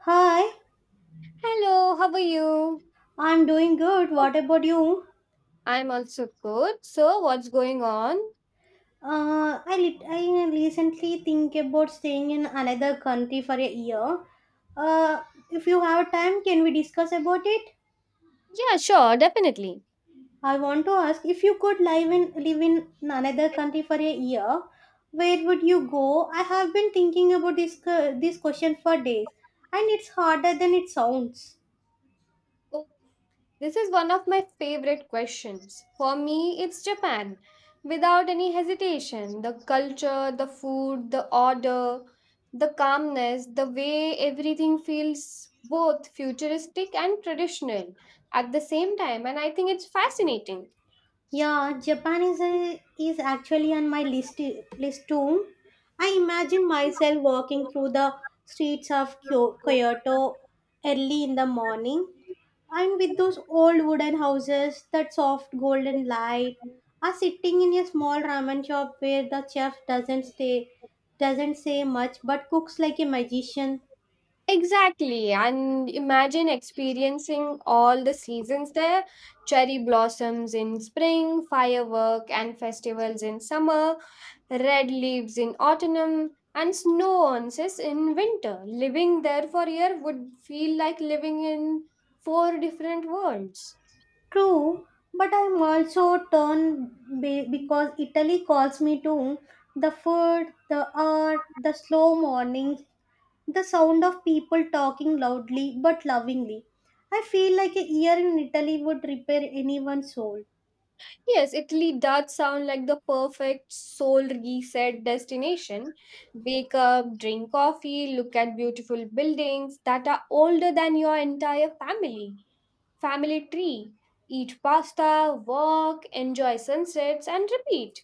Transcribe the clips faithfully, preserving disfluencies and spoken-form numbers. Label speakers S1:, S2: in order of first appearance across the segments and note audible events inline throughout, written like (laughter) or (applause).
S1: Hi,
S2: Hello, how are you?
S1: I'm doing good. What about you?
S2: I'm also good. So, what's going on?
S1: Uh, I, lit I recently think about staying in another country for a year. Uh, if you have time, can we discuss about it?
S2: Yeah, sure, definitely.
S1: I want to ask if you could live in live in another country for a year, where would you go? I have been thinking about this cu- this question for days, and it's harder than it sounds.
S2: Oh, this is one of my favorite questions. For me, it's Japan. Without any hesitation, the culture, the food, the order, the calmness, the way everything feels both futuristic and traditional at the same time. And I think it's fascinating.
S1: Yeah, Japan is a, is actually on my list list too. I imagine myself walking through the streets of Kyo- Kyoto early in the morning, and with those old wooden houses, that soft golden light, or sitting in a small ramen shop where the chef doesn't stay doesn't say much but cooks like a magician.
S2: Exactly. And imagine experiencing all the seasons there, cherry blossoms in spring, firework and festivals in summer, red leaves in autumn and snow onces in winter. Living there for a year would feel like living in four different worlds.
S1: True, but I'm also torn be- because Italy calls me to the food, the art, the slow mornings, the sound of people talking loudly but lovingly. I feel like a year in Italy would repair anyone's soul.
S2: Yes, Italy does sound like the perfect soul reset destination. Wake up, drink coffee, look at beautiful buildings that are older than your entire family. Family tree. Eat pasta, walk, enjoy sunsets, and repeat.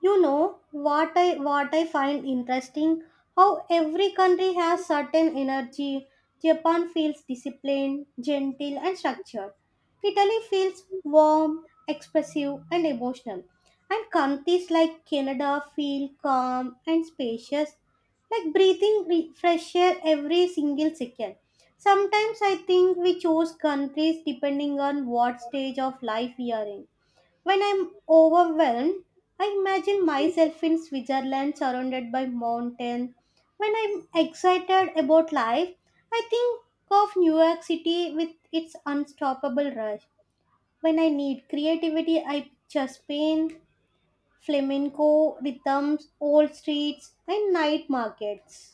S1: You know what I what I find interesting? How every country has certain energy. Japan feels disciplined, gentle, and structured. Italy feels warm, expressive, and emotional. And countries like Canada feel calm and spacious, like breathing re- fresh air every single second. Sometimes I think we choose countries depending on what stage of life we are in. When I'm overwhelmed, I imagine myself in Switzerland surrounded by mountains. When I'm excited about life, I think of New York City with its unstoppable rush. When I need creativity, I picture Spain, flamenco rhythms, old streets, and night markets.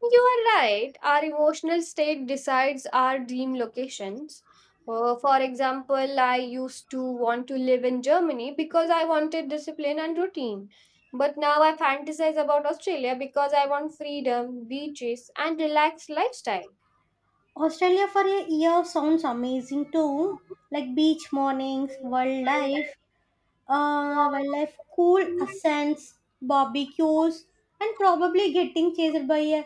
S2: You are right. Our emotional state decides our dream locations. Uh, for example, I used to want to live in Germany because I wanted discipline and routine. But now I fantasize about Australia because I want freedom, beaches, and relaxed lifestyle.
S1: Australia for a year sounds amazing too, like beach mornings, wildlife, uh, wildlife, cool ascents, barbecues, and probably getting chased by a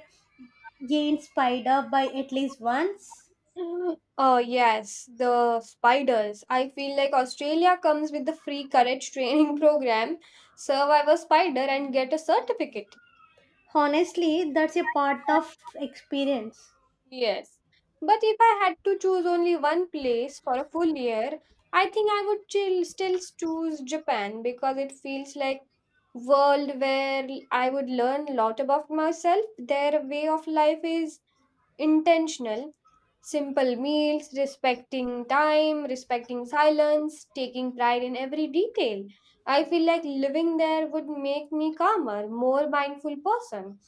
S1: giant spider by at least once.
S2: Oh, yes, the spiders. I feel like Australia comes with the free courage training (laughs) program, survive a spider and get a certificate.
S1: Honestly, that's a part of experience.
S2: Yes. But if I had to choose only one place for a full year, I think I would chill, still choose Japan because it feels like world where I would learn a lot about myself. Their way of life is intentional, simple meals, respecting time, respecting silence, taking pride in every detail. I feel like living there would make me calmer, more mindful person.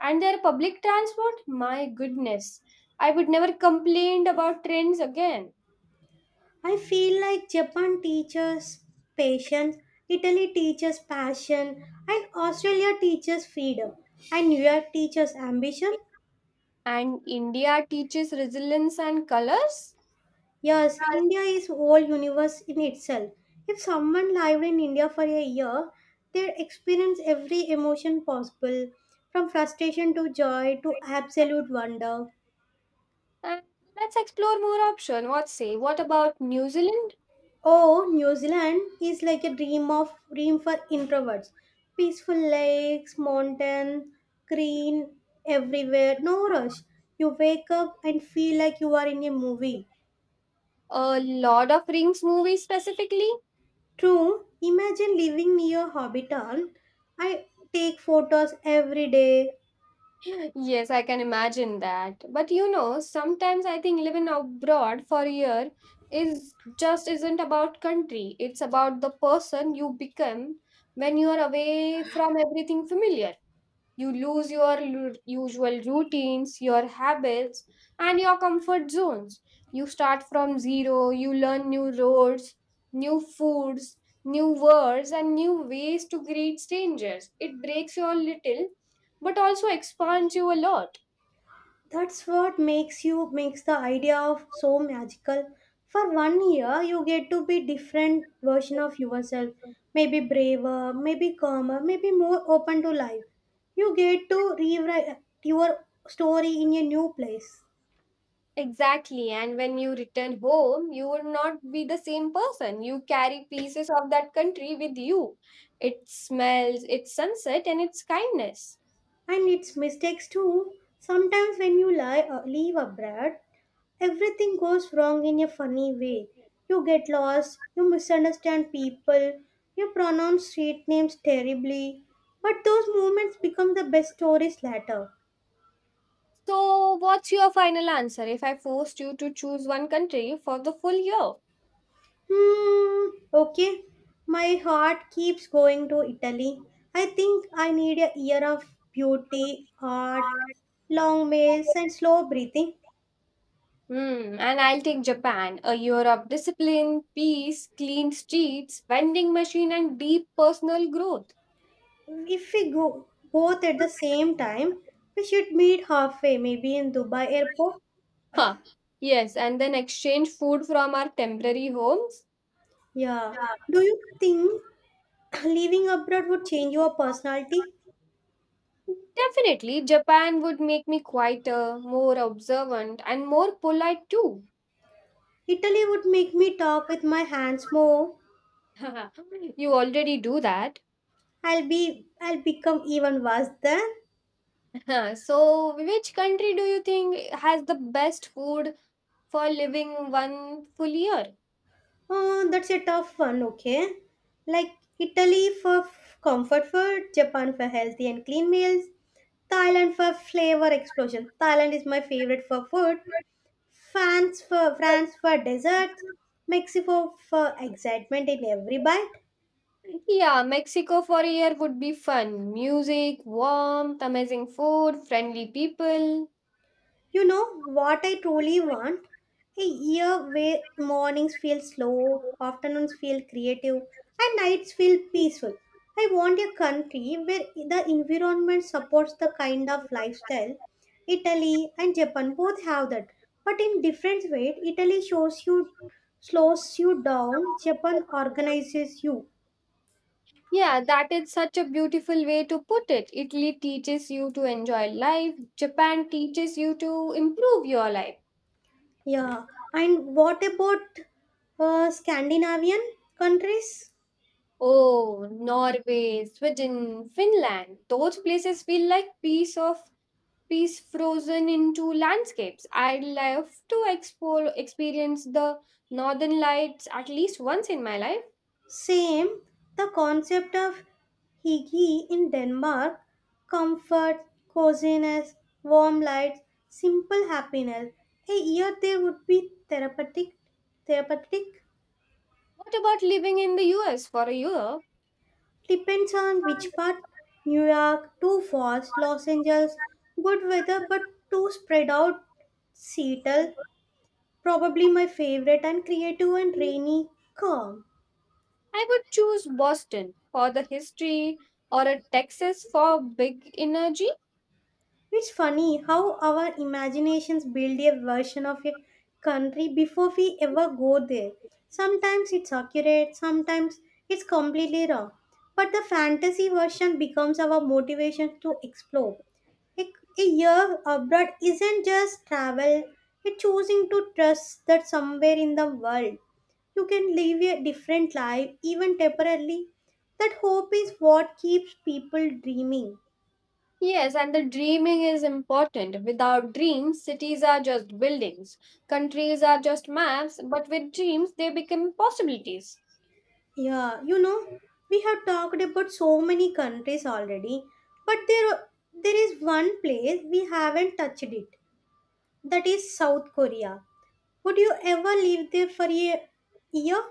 S2: And their public transport, my goodness, I would never complain about trains again.
S1: I feel like Japan teaches patience, Italy teaches passion, and Australia teaches freedom, and New York teaches ambition.
S2: And India teaches resilience and colors.
S1: Yes, India is whole universe in itself. If someone lived in India for a year, they'd experience every emotion possible, from frustration to joy to absolute wonder.
S2: And let's explore more option. What say? What about New Zealand?
S1: Oh, New Zealand is like a dream of dream for introverts. Peaceful lakes, mountains, green everywhere, no rush. You wake up and feel like you are in a movie.
S2: A Lord of Rings movie specifically?
S1: True, imagine living near Hobbiton. I take photos every day.
S2: (laughs) Yes, I can imagine that. But you know, sometimes I think living abroad for a year is just isn't about country. It's about the person you become when you are away from everything familiar. You lose your lu- usual routines, your habits, and your comfort zones. You start from zero, you learn new roads, new foods, new words, and new ways to greet strangers. It breaks you a little, but also expands you a lot.
S1: That's what makes you makes the idea of so magical. For one year you get to be different version of yourself. Maybe braver, maybe calmer, maybe more open to life. You get to rewrite your story in a new place.
S2: Exactly. And when you return home, you will not be the same person. You carry pieces of that country with you. It smells, its sunset, and its kindness.
S1: And it's mistakes too. Sometimes when you lie, uh, leave abroad, everything goes wrong in a funny way. You get lost, you misunderstand people, you pronounce street names terribly. But those moments become the best stories later.
S2: So, what's your final answer if I forced you to choose one country for the full year?
S1: Hmm, okay. My heart keeps going to Italy. I think I need a year of beauty, art, long meals, and slow breathing.
S2: Hmm, and I'll take Japan, a year of discipline, peace, clean streets, vending machine, and deep personal growth.
S1: If we go both at the same time, we should meet halfway, maybe in Dubai airport.
S2: Huh. Yes, and then exchange food from our temporary homes.
S1: Yeah. Do you think (clears throat) living abroad would change your personality?
S2: Definitely, Japan would make me quieter, more observant, and more polite too.
S1: Italy would make me talk with my hands more.
S2: (laughs) You already do that.
S1: I'll be I'll become even worse then.
S2: (laughs) So, which country do you think has the best food for living one full year?
S1: Oh, that's a tough one, okay? Like Italy for f- comfort food, Japan for healthy and clean meals, Thailand for flavor explosion. Thailand is my favorite for food. France for France for desserts, Mexico for excitement in every bite.
S2: Yeah, Mexico for a year would be fun. Music, warmth, amazing food, friendly people.
S1: You know what I truly want? A year where mornings feel slow, afternoons feel creative, and nights feel peaceful. I want a country where the environment supports the kind of lifestyle. Italy and Japan both have that, but in different ways. Italy shows you, slows you down. Japan organizes you.
S2: Yeah, that is such a beautiful way to put it. Italy teaches you to enjoy life, Japan teaches you to improve your life.
S1: Yeah. And what about uh, Scandinavian countries?
S2: Oh, Norway, Sweden, Finland, those places feel like piece of piece frozen into landscapes. I'd love to explore, experience the northern lights at least once in my life.
S1: Same, the concept of hygge in Denmark, comfort, coziness, warm lights, simple happiness. A year there would be therapeutic, therapeutic,
S2: What about living in the U S for a year?
S1: depends on which part. New York, too fast, Los Angeles, good weather but too spread out. Seattle, probably my favorite and creative and rainy, calm.
S2: I would choose Boston for the history or a Texas for big energy.
S1: It's funny how our imaginations build a version of a country before we ever go there. Sometimes it's accurate, sometimes it's completely wrong. But the fantasy version becomes our motivation to explore. Like a year abroad isn't just travel, it's choosing to trust that somewhere in the world you can live a different life, even temporarily. That hope is what keeps people dreaming.
S2: Yes, and the dreaming is important. Without dreams, cities are just buildings, countries are just maps, but with dreams, they become possibilities.
S1: Yeah, you know, we have talked about so many countries already, but there there is one place we haven't touched it. That is South Korea. Would you ever live there for a year?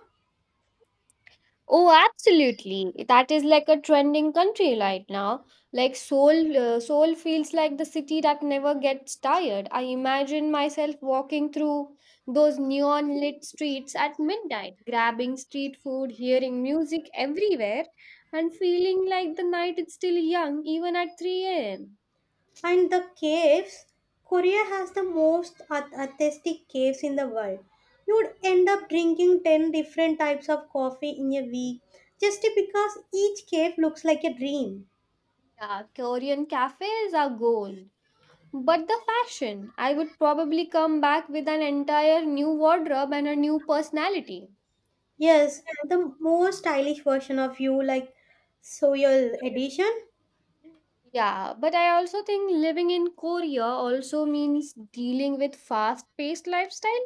S2: Oh, absolutely. That is like a trending country right now. Like soul, uh, soul feels like the city that never gets tired. I imagine myself walking through those neon lit streets at midnight, grabbing street food, hearing music everywhere, and feeling like the night is still young, even at three a m.
S1: And the caves, Korea has the most arth- artistic caves in the world. You would end up drinking ten different types of coffee in a week just because each cave looks like a dream.
S2: Yeah, Korean cafes are gold. But the fashion, I would probably come back with an entire new wardrobe and a new personality.
S1: Yes, the more stylish version of you, like Soyul edition.
S2: Yeah, but I also think living in Korea also means dealing with fast-paced lifestyle.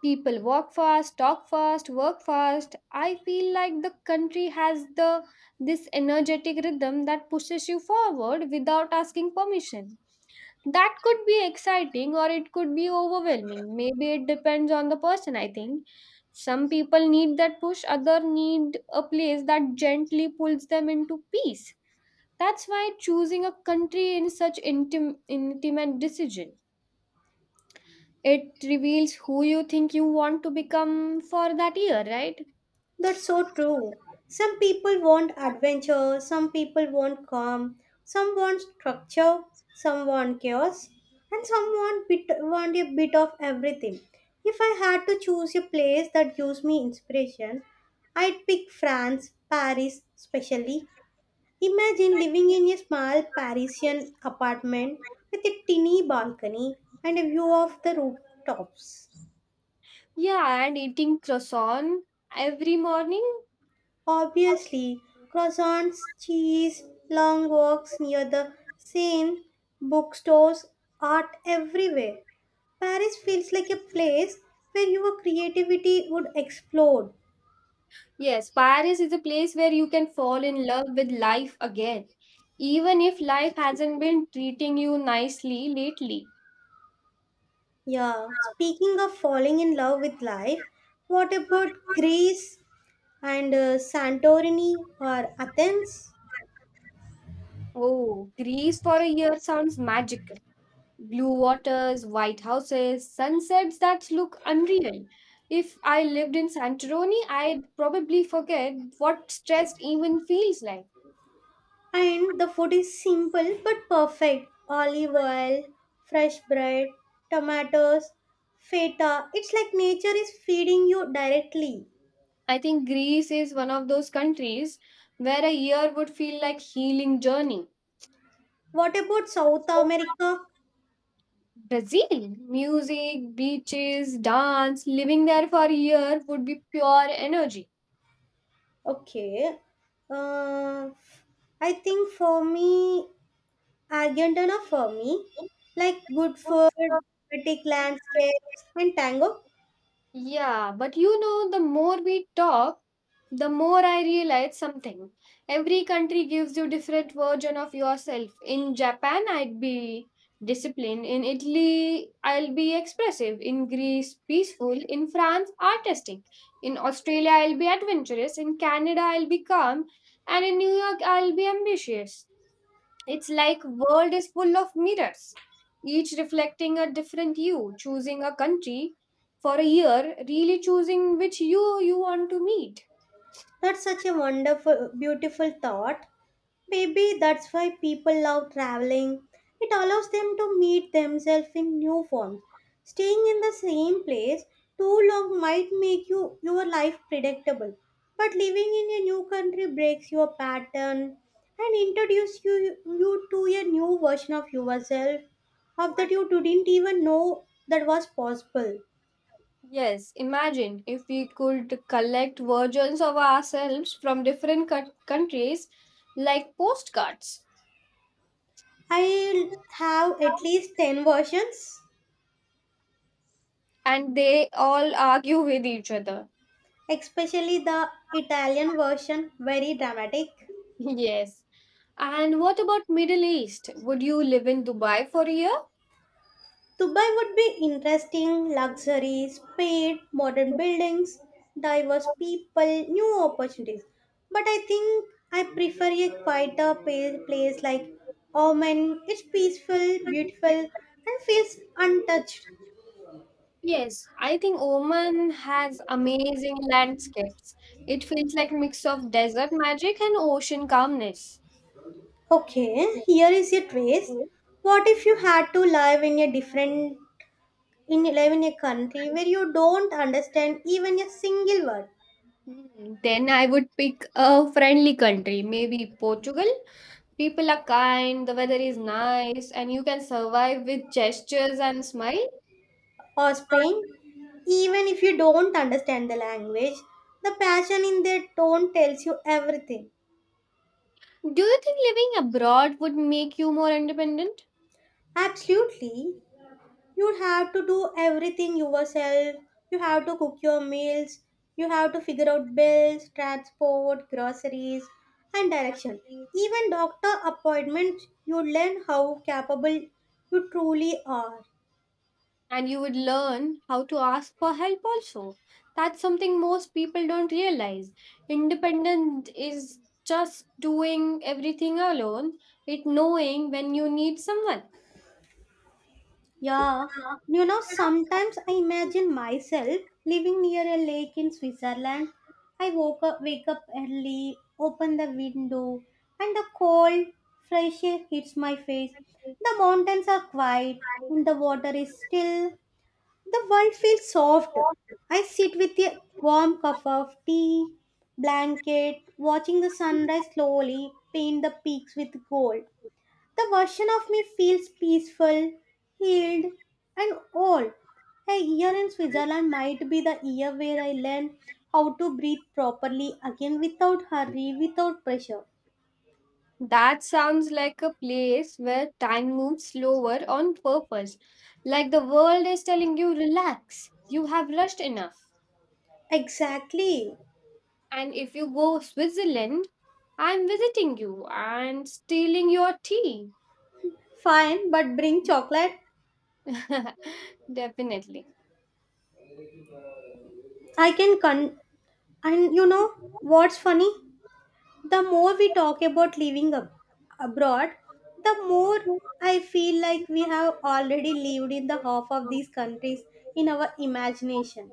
S2: People walk fast, talk fast, work fast. I feel like the country has the this energetic rhythm that pushes you forward without asking permission. That could be exciting or it could be overwhelming. Maybe it depends on the person, I think. Some people need that push, other need a place that gently pulls them into peace, that's why choosing a country in such intim- intimate decision. It reveals who you think you want to become for that year, right?
S1: That's so true. Some people want adventure, some people want calm, some want structure, some want chaos, and some want, bit, want a bit of everything. If I had to choose a place that gives me inspiration, I'd pick France, Paris, especially. Imagine living in a small Parisian apartment with a tiny balcony and a view of the rooftops.
S2: Yeah, and eating croissant every morning.
S1: Obviously, croissants, cheese, long walks near the Seine, bookstores, art everywhere. Paris feels like a place where your creativity would explode.
S2: Yes, Paris is a place where you can fall in love with life again, even if life hasn't been treating you nicely lately.
S1: Yeah, speaking of falling in love with life, what about Greece and uh, Santorini or Athens?
S2: Oh, Greece for a year sounds magical. Blue waters, white houses, sunsets that look unreal. If I lived in Santorini, I'd probably forget what stress even feels like.
S1: And the food is simple but perfect olive oil, fresh bread, tomatoes, feta. It's like nature is feeding you directly.
S2: I think Greece is one of those countries where a year would feel like healing journey.
S1: What about South America?
S2: Brazil, music, beaches, dance, living there for a year would be pure energy.
S1: Okay. Uh, I think for me, Argentina for me, like good food, pretty landscapes, and tango.
S2: Yeah, but you know, the more we talk, the more I realize something, every country gives you different version of yourself. In Japan I'd be disciplined, in Italy I'll be expressive, in Greece peaceful, in France artistic, in Australia I'll be adventurous, in Canada I'll be calm, and in New York I'll be ambitious. It's like world is full of mirrors, each reflecting a different you. Choosing a country for a year really choosing which you you want to meet.
S1: That's such a wonderful, beautiful thought. Maybe that's why people love traveling. It allows them to meet themselves in new forms. Staying in the same place too long might make you your life predictable, but living in a new country breaks your pattern and introduces you, you to a new version of yourself of that you didn't even know that was possible.
S2: Yes, imagine if we could collect versions of ourselves from different cou- countries like postcards,
S1: I have at least ten versions,
S2: and they all argue with each other.
S1: especially the Italian version, very dramatic.
S2: (laughs) Yes. And what about Middle East? Would you live in Dubai for a year?
S1: Dubai would be interesting, luxury, speed, modern buildings, diverse people, new opportunities. But I think I prefer a quieter pa- place like Oman. It's peaceful, beautiful, and feels untouched.
S2: Yes, I think Oman has amazing landscapes. It feels like a mix of desert magic and ocean calmness.
S1: Okay, here is your twist. What if you had to live in a different in live in a country where you don't understand even a single word?
S2: Hmm, then I would pick a friendly country, maybe Portugal. People are kind, the weather is nice, and you can survive with gestures and smile.
S1: Or Spain, even if you don't understand the language, the passion in their tone tells you everything.
S2: Do you think living abroad would make you more independent?
S1: Absolutely, you have to do everything yourself. You have to cook your meals, you have to figure out bills, transport, groceries, and direction. Even doctor appointments, you learn how capable you truly are.
S2: And you would learn how to ask for help also. That's something most people don't realize. Independent is just doing everything alone, it knowing when you need someone.
S1: Yeah, you know, sometimes I imagine myself living near a lake in Switzerland. I woke up, wake up early, open the window, and the cold, fresh air hits my face. The mountains are quiet, and the water is still. The world feels soft. I sit with a warm cup of tea, blanket, watching the sunrise slowly paint the peaks with gold. The version of me feels peaceful, healed, and old. A year in Switzerland might be the year where I learn how to breathe properly again without hurry, without pressure.
S2: That sounds like a place where time moves slower on purpose. Like the world is telling you, relax, you have rushed enough.
S1: Exactly.
S2: And if you go Switzerland, I'm visiting you and stealing your tea.
S1: Fine, but bring chocolate.
S2: (laughs) Definitely.
S1: I can con. And you know what's funny? The more we talk about living ab- abroad, the more I feel like we have already lived in the half of these countries in our imagination.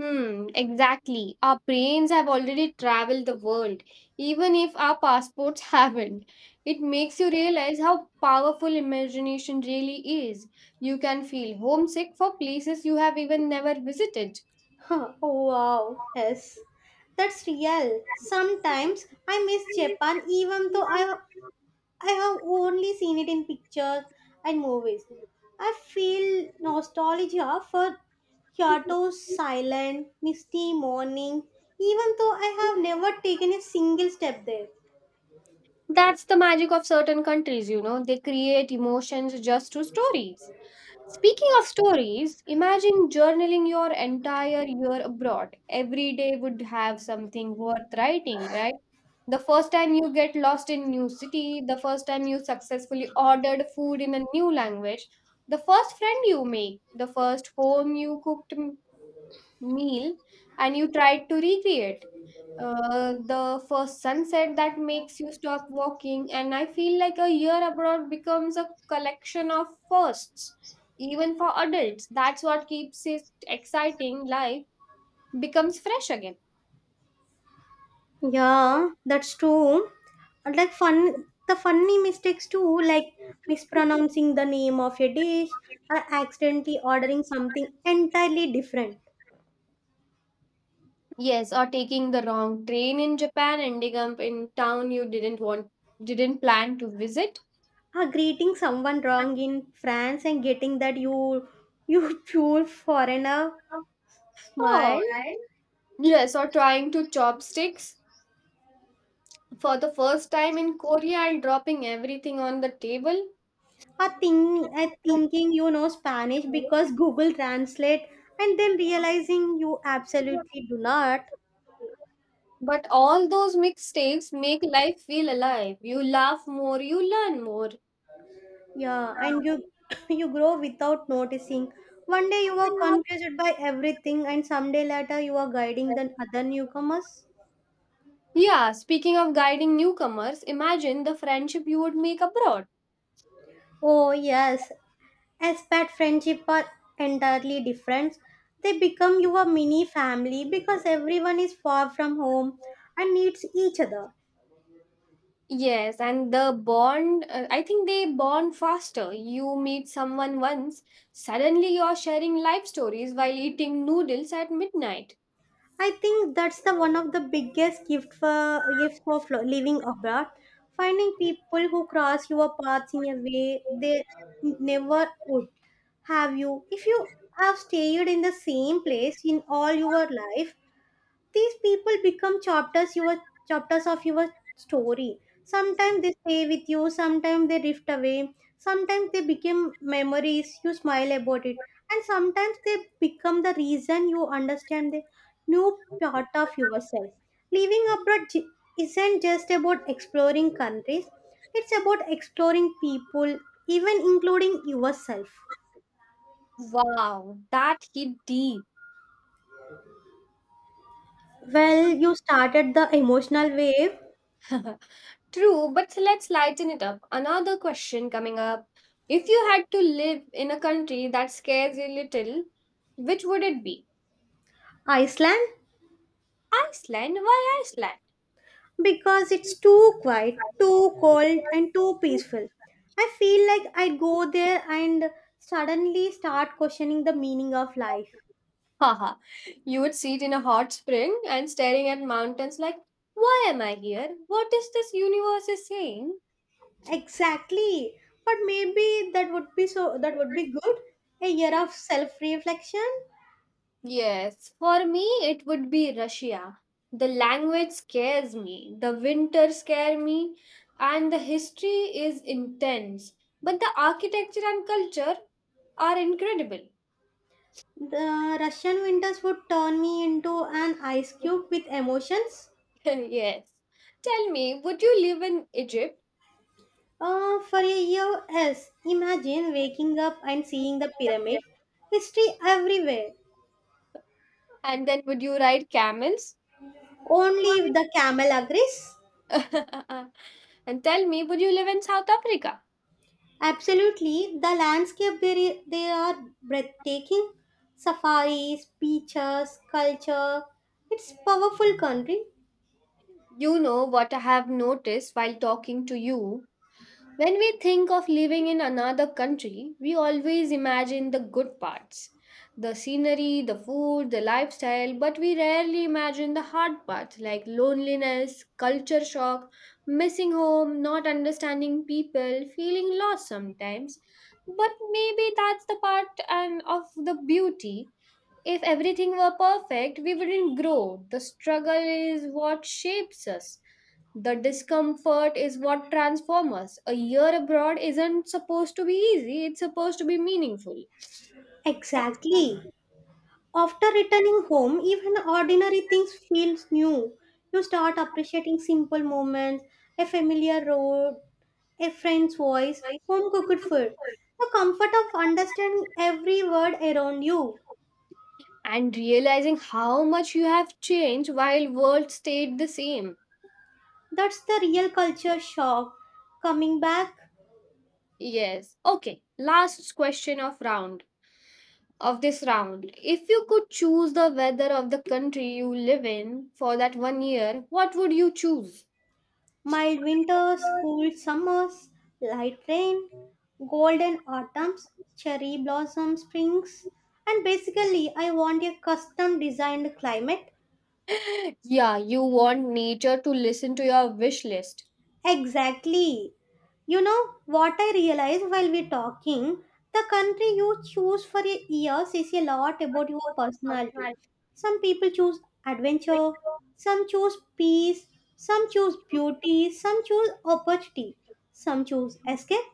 S2: Hmm, exactly. Our brains have already traveled the world, even if our passports (laughs) haven't. It makes you realize how powerful imagination really is. You can feel homesick for places you have even never visited.
S1: Huh, oh, wow, yes, that's real. Sometimes I miss Japan even though I, I have only seen it in pictures and movies. I feel nostalgia for Kyoto's silent, misty morning, even though I have never taken a single step there.
S2: That's the magic of certain countries, you know, they create emotions just through stories. Speaking of stories, imagine journaling your entire year abroad. Every day would have something worth writing, right? The first time you get lost in new city, the first time you successfully ordered food in a new language, the first friend you make, the first home you cooked m- meal and you tried to recreate. Uh, the first sunset that makes you stop walking, and I feel like a year abroad becomes a collection of firsts. Even for adults, that's what keeps it exciting. Life becomes fresh again.
S1: Yeah, that's true. And like fun, the funny mistakes too, like mispronouncing the name of a dish or accidentally ordering something entirely different.
S2: Yes, or taking the wrong train in Japan, ending up in town you didn't want didn't plan to visit.
S1: Or greeting someone wrong in France and getting that you you (laughs) pure foreigner
S2: Oh,
S1: smile.
S2: and yes, or trying to chopsticks for the first time in Korea and dropping everything on the table.
S1: Or think, uh, thinking you know Spanish because Google Translate and then realizing you absolutely do not.
S2: But all those mistakes make life feel alive. You laugh more, you learn more.
S1: Yeah, and you (coughs) you grow without noticing. One day you are confused by everything, and someday later you are guiding the other newcomers.
S2: Yeah, speaking of guiding newcomers, imagine the friendship you would make abroad.
S1: Oh yes, as pet friendship are entirely different. They become your mini family because everyone is far from home and needs each other.
S2: Yes, and the bond, uh, I think they bond faster. You meet someone once, suddenly you're sharing life stories while eating noodles at midnight.
S1: I think that's the one of the biggest gift for gifts of lo- living abroad. Finding people who cross your paths in a way they n- never would have you. If you have stayed in the same place in all your life, these people become chapters your chapters of your story. Sometimes they stay with you, sometimes they drift away, sometimes they become memories you smile about it, and sometimes they become the reason you understand the new part of yourself. Living abroad j- isn't just about exploring countries, it's about exploring people, even including yourself.
S2: Wow, that hit deep.
S1: Well, you started the emotional wave.
S2: (laughs) True, but let's lighten it up. Another question coming up. If you had to live in a country that scares you little, which would it be?
S1: Iceland.
S2: Iceland? Why Iceland?
S1: Because it's too quiet, too cold, and too peaceful. I feel like I go there and suddenly start questioning the meaning of life.
S2: Haha, you would sit in a hot spring and staring at mountains like, why am I here? What is this universe is saying?
S1: Exactly. But maybe that would be so that would be good. A year of self-reflection.
S2: Yes, for me it would be Russia. The language scares me, the winter scare me, and the history is intense. But the architecture and culture are incredible.
S1: The Russian winters would turn me into an ice cube with emotions.
S2: (laughs) Yes. Tell me, would you live in Egypt?
S1: Uh, for a year, yes. Imagine waking up and seeing the pyramid. History everywhere.
S2: And then would you ride camels?
S1: Only if the camel agrees.
S2: (laughs) And tell me, would you live in South Africa?
S1: Absolutely, the landscape there i- they are breathtaking. Safaris, beaches, culture. It's powerful country.
S2: You know what I have noticed while talking to you? When we think of living in another country, we always imagine the good parts, the scenery, the food, the lifestyle, but we rarely imagine the hard parts like loneliness, culture shock, missing home, not understanding people, feeling lost sometimes. But maybe that's the part and of the beauty. If everything were perfect, we wouldn't grow. The struggle is what shapes us, the discomfort is what transforms us. A year abroad isn't supposed to be easy, it's supposed to be meaningful.
S1: Exactly. After returning home, even ordinary things feels new. You start appreciating simple moments, a familiar road, a friend's voice, home cooked food. The comfort of understanding every word around you.
S2: And realizing how much you have changed while world stayed the same.
S1: That's the real culture shock. Coming back.
S2: Yes. Okay, last question of round of this round. If you could choose the weather of the country you live in for that one year, what would you choose?
S1: Mild winters, cool summers, light rain, golden autumns, cherry blossom springs, and basically, I want a custom designed climate.
S2: (laughs) Yeah, you want nature to listen to your wish list.
S1: Exactly. You know what I realized while we're talking? The country you choose for your years says a lot about your personality. Some people choose adventure, some choose peace, some choose beauty, some choose opportunity, some choose escape,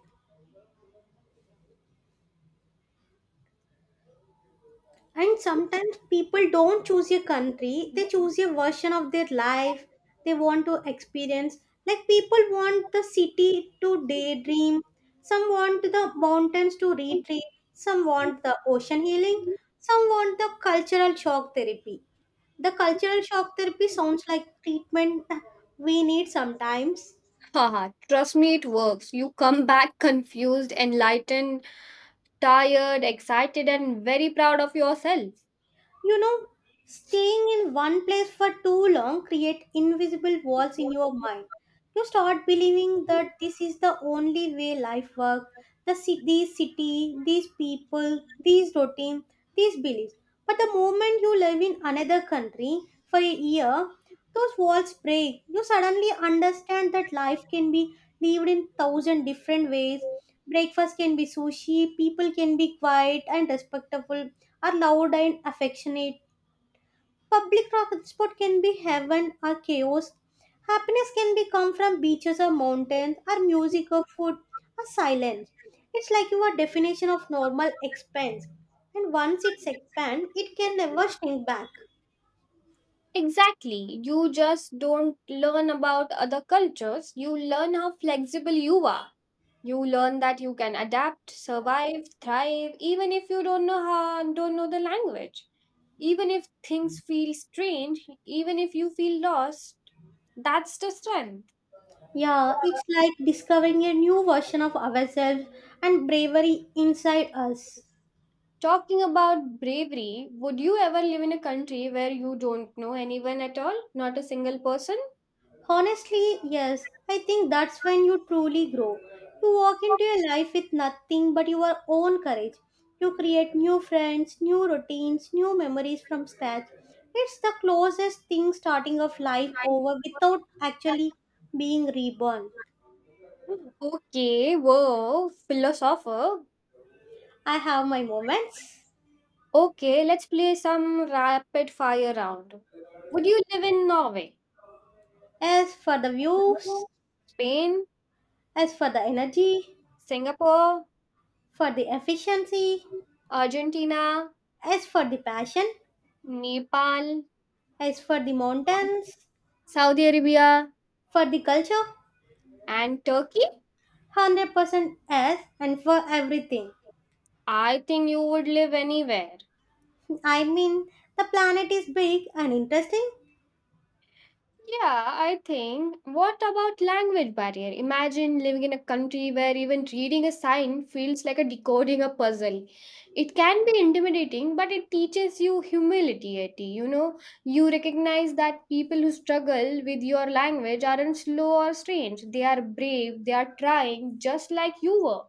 S1: and sometimes people don't choose a country, they choose a version of their life they want to experience. Like people want the city to daydream, some want the mountains to retreat, some want the ocean healing, some want the cultural shock therapy. The cultural shock therapy sounds like treatment we need sometimes.
S2: (laughs) Haha, trust me, it works. You come back confused, enlightened, tired, excited, and very proud of yourself.
S1: You know, staying in one place for too long create invisible walls in your mind. You start believing that this is the only way life works, the ci- these city, these people, these routine, these beliefs. But the moment you live in another country for a year, those walls break. You suddenly understand that life can be lived in thousand different ways. Breakfast can be sushi, people can be quiet and respectful, or loud and affectionate. Public transport can be heaven or chaos. Happiness can be come from beaches or mountains, or music or food or silence. It's like your definition of normal expands, and once it's expand, it can never shrink back.
S2: Exactly. You just don't learn about other cultures, you learn how flexible you are. You learn that you can adapt, survive, thrive, even if you don't know how, don't know the language. Even if things feel strange, even if you feel lost, that's the strength.
S1: Yeah, it's like discovering a new version of ourselves and bravery inside us.
S2: Talking about bravery, would you ever live in a country where you don't know anyone at all? Not a single person?
S1: Honestly, yes, I think that's when you truly grow. You walk into your life with nothing but your own courage. You create new friends, new routines, new memories from scratch. It's the closest thing starting of life over without actually being reborn.
S2: Okay, whoa, philosopher.
S1: I have my moments.
S2: Okay, let's play some rapid fire round. Would you live in Norway,
S1: As for the views,
S2: Hello. Spain,
S1: as for the energy,
S2: Singapore,
S1: for the efficiency,
S2: Argentina,
S1: as for the passion,
S2: Nepal,
S1: as for the mountains,
S2: Saudi Arabia,
S1: for the culture,
S2: and Turkey?
S1: one hundred percent as and for everything.
S2: I think you would live anywhere.
S1: I mean, the planet is big and interesting.
S2: Yeah, I think. What about language barrier? Imagine living in a country where even reading a sign feels like a decoding a puzzle. It can be intimidating, but it teaches you humility. Eti. You know, you recognize that people who struggle with your language aren't slow or strange. They are brave, they are trying, just like you were.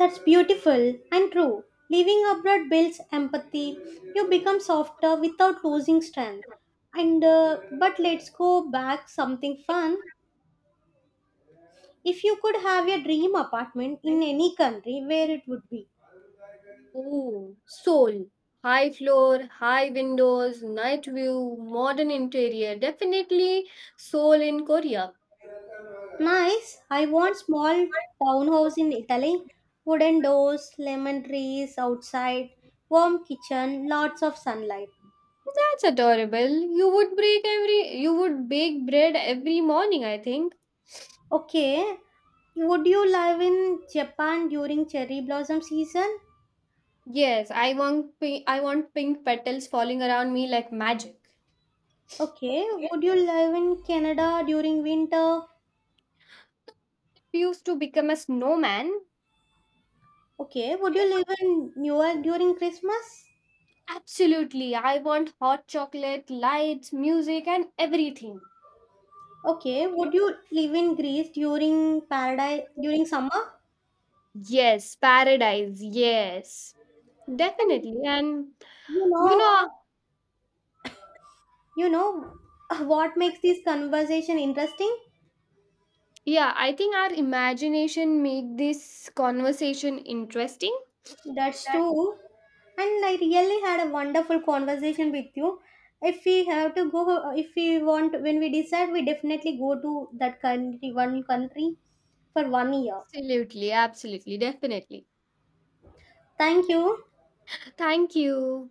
S1: That's beautiful and true. Living abroad builds empathy. You become softer without losing strength. And uh, but let's go back something fun. If you could have your dream apartment in any country, where it would be?
S2: Ooh, soul. High floor, high windows, night view, modern interior. Definitely soul in Korea.
S1: Nice. I want small townhouse in Italy. Wooden doors, lemon trees outside, warm kitchen, lots of sunlight.
S2: That's adorable. You would break every you would bake bread every morning, I think.
S1: Okay. Would you live in Japan during cherry blossom season?
S2: Yes, I want pi- I want pink petals falling around me like magic.
S1: Okay. Would you live in Canada during winter?
S2: Refuse to become a snowman.
S1: Okay. Would you live in New York during Christmas?
S2: Absolutely. I want hot chocolate, lights, music and everything.
S1: Okay. Would you live in Greece during paradise during summer?
S2: Yes, paradise. Yes.
S1: And
S2: Definitely. And
S1: you
S2: you
S1: know,
S2: know,
S1: You know (laughs) what makes this conversation interesting?
S2: yeah, I think our imagination make this conversation interesting.
S1: That's true. And I really had a wonderful conversation with you. If we have to go, if we want, when we decide, we definitely go to that country, one country for one year.
S2: Absolutely, absolutely, definitely.
S1: Thank you.
S2: Thank you.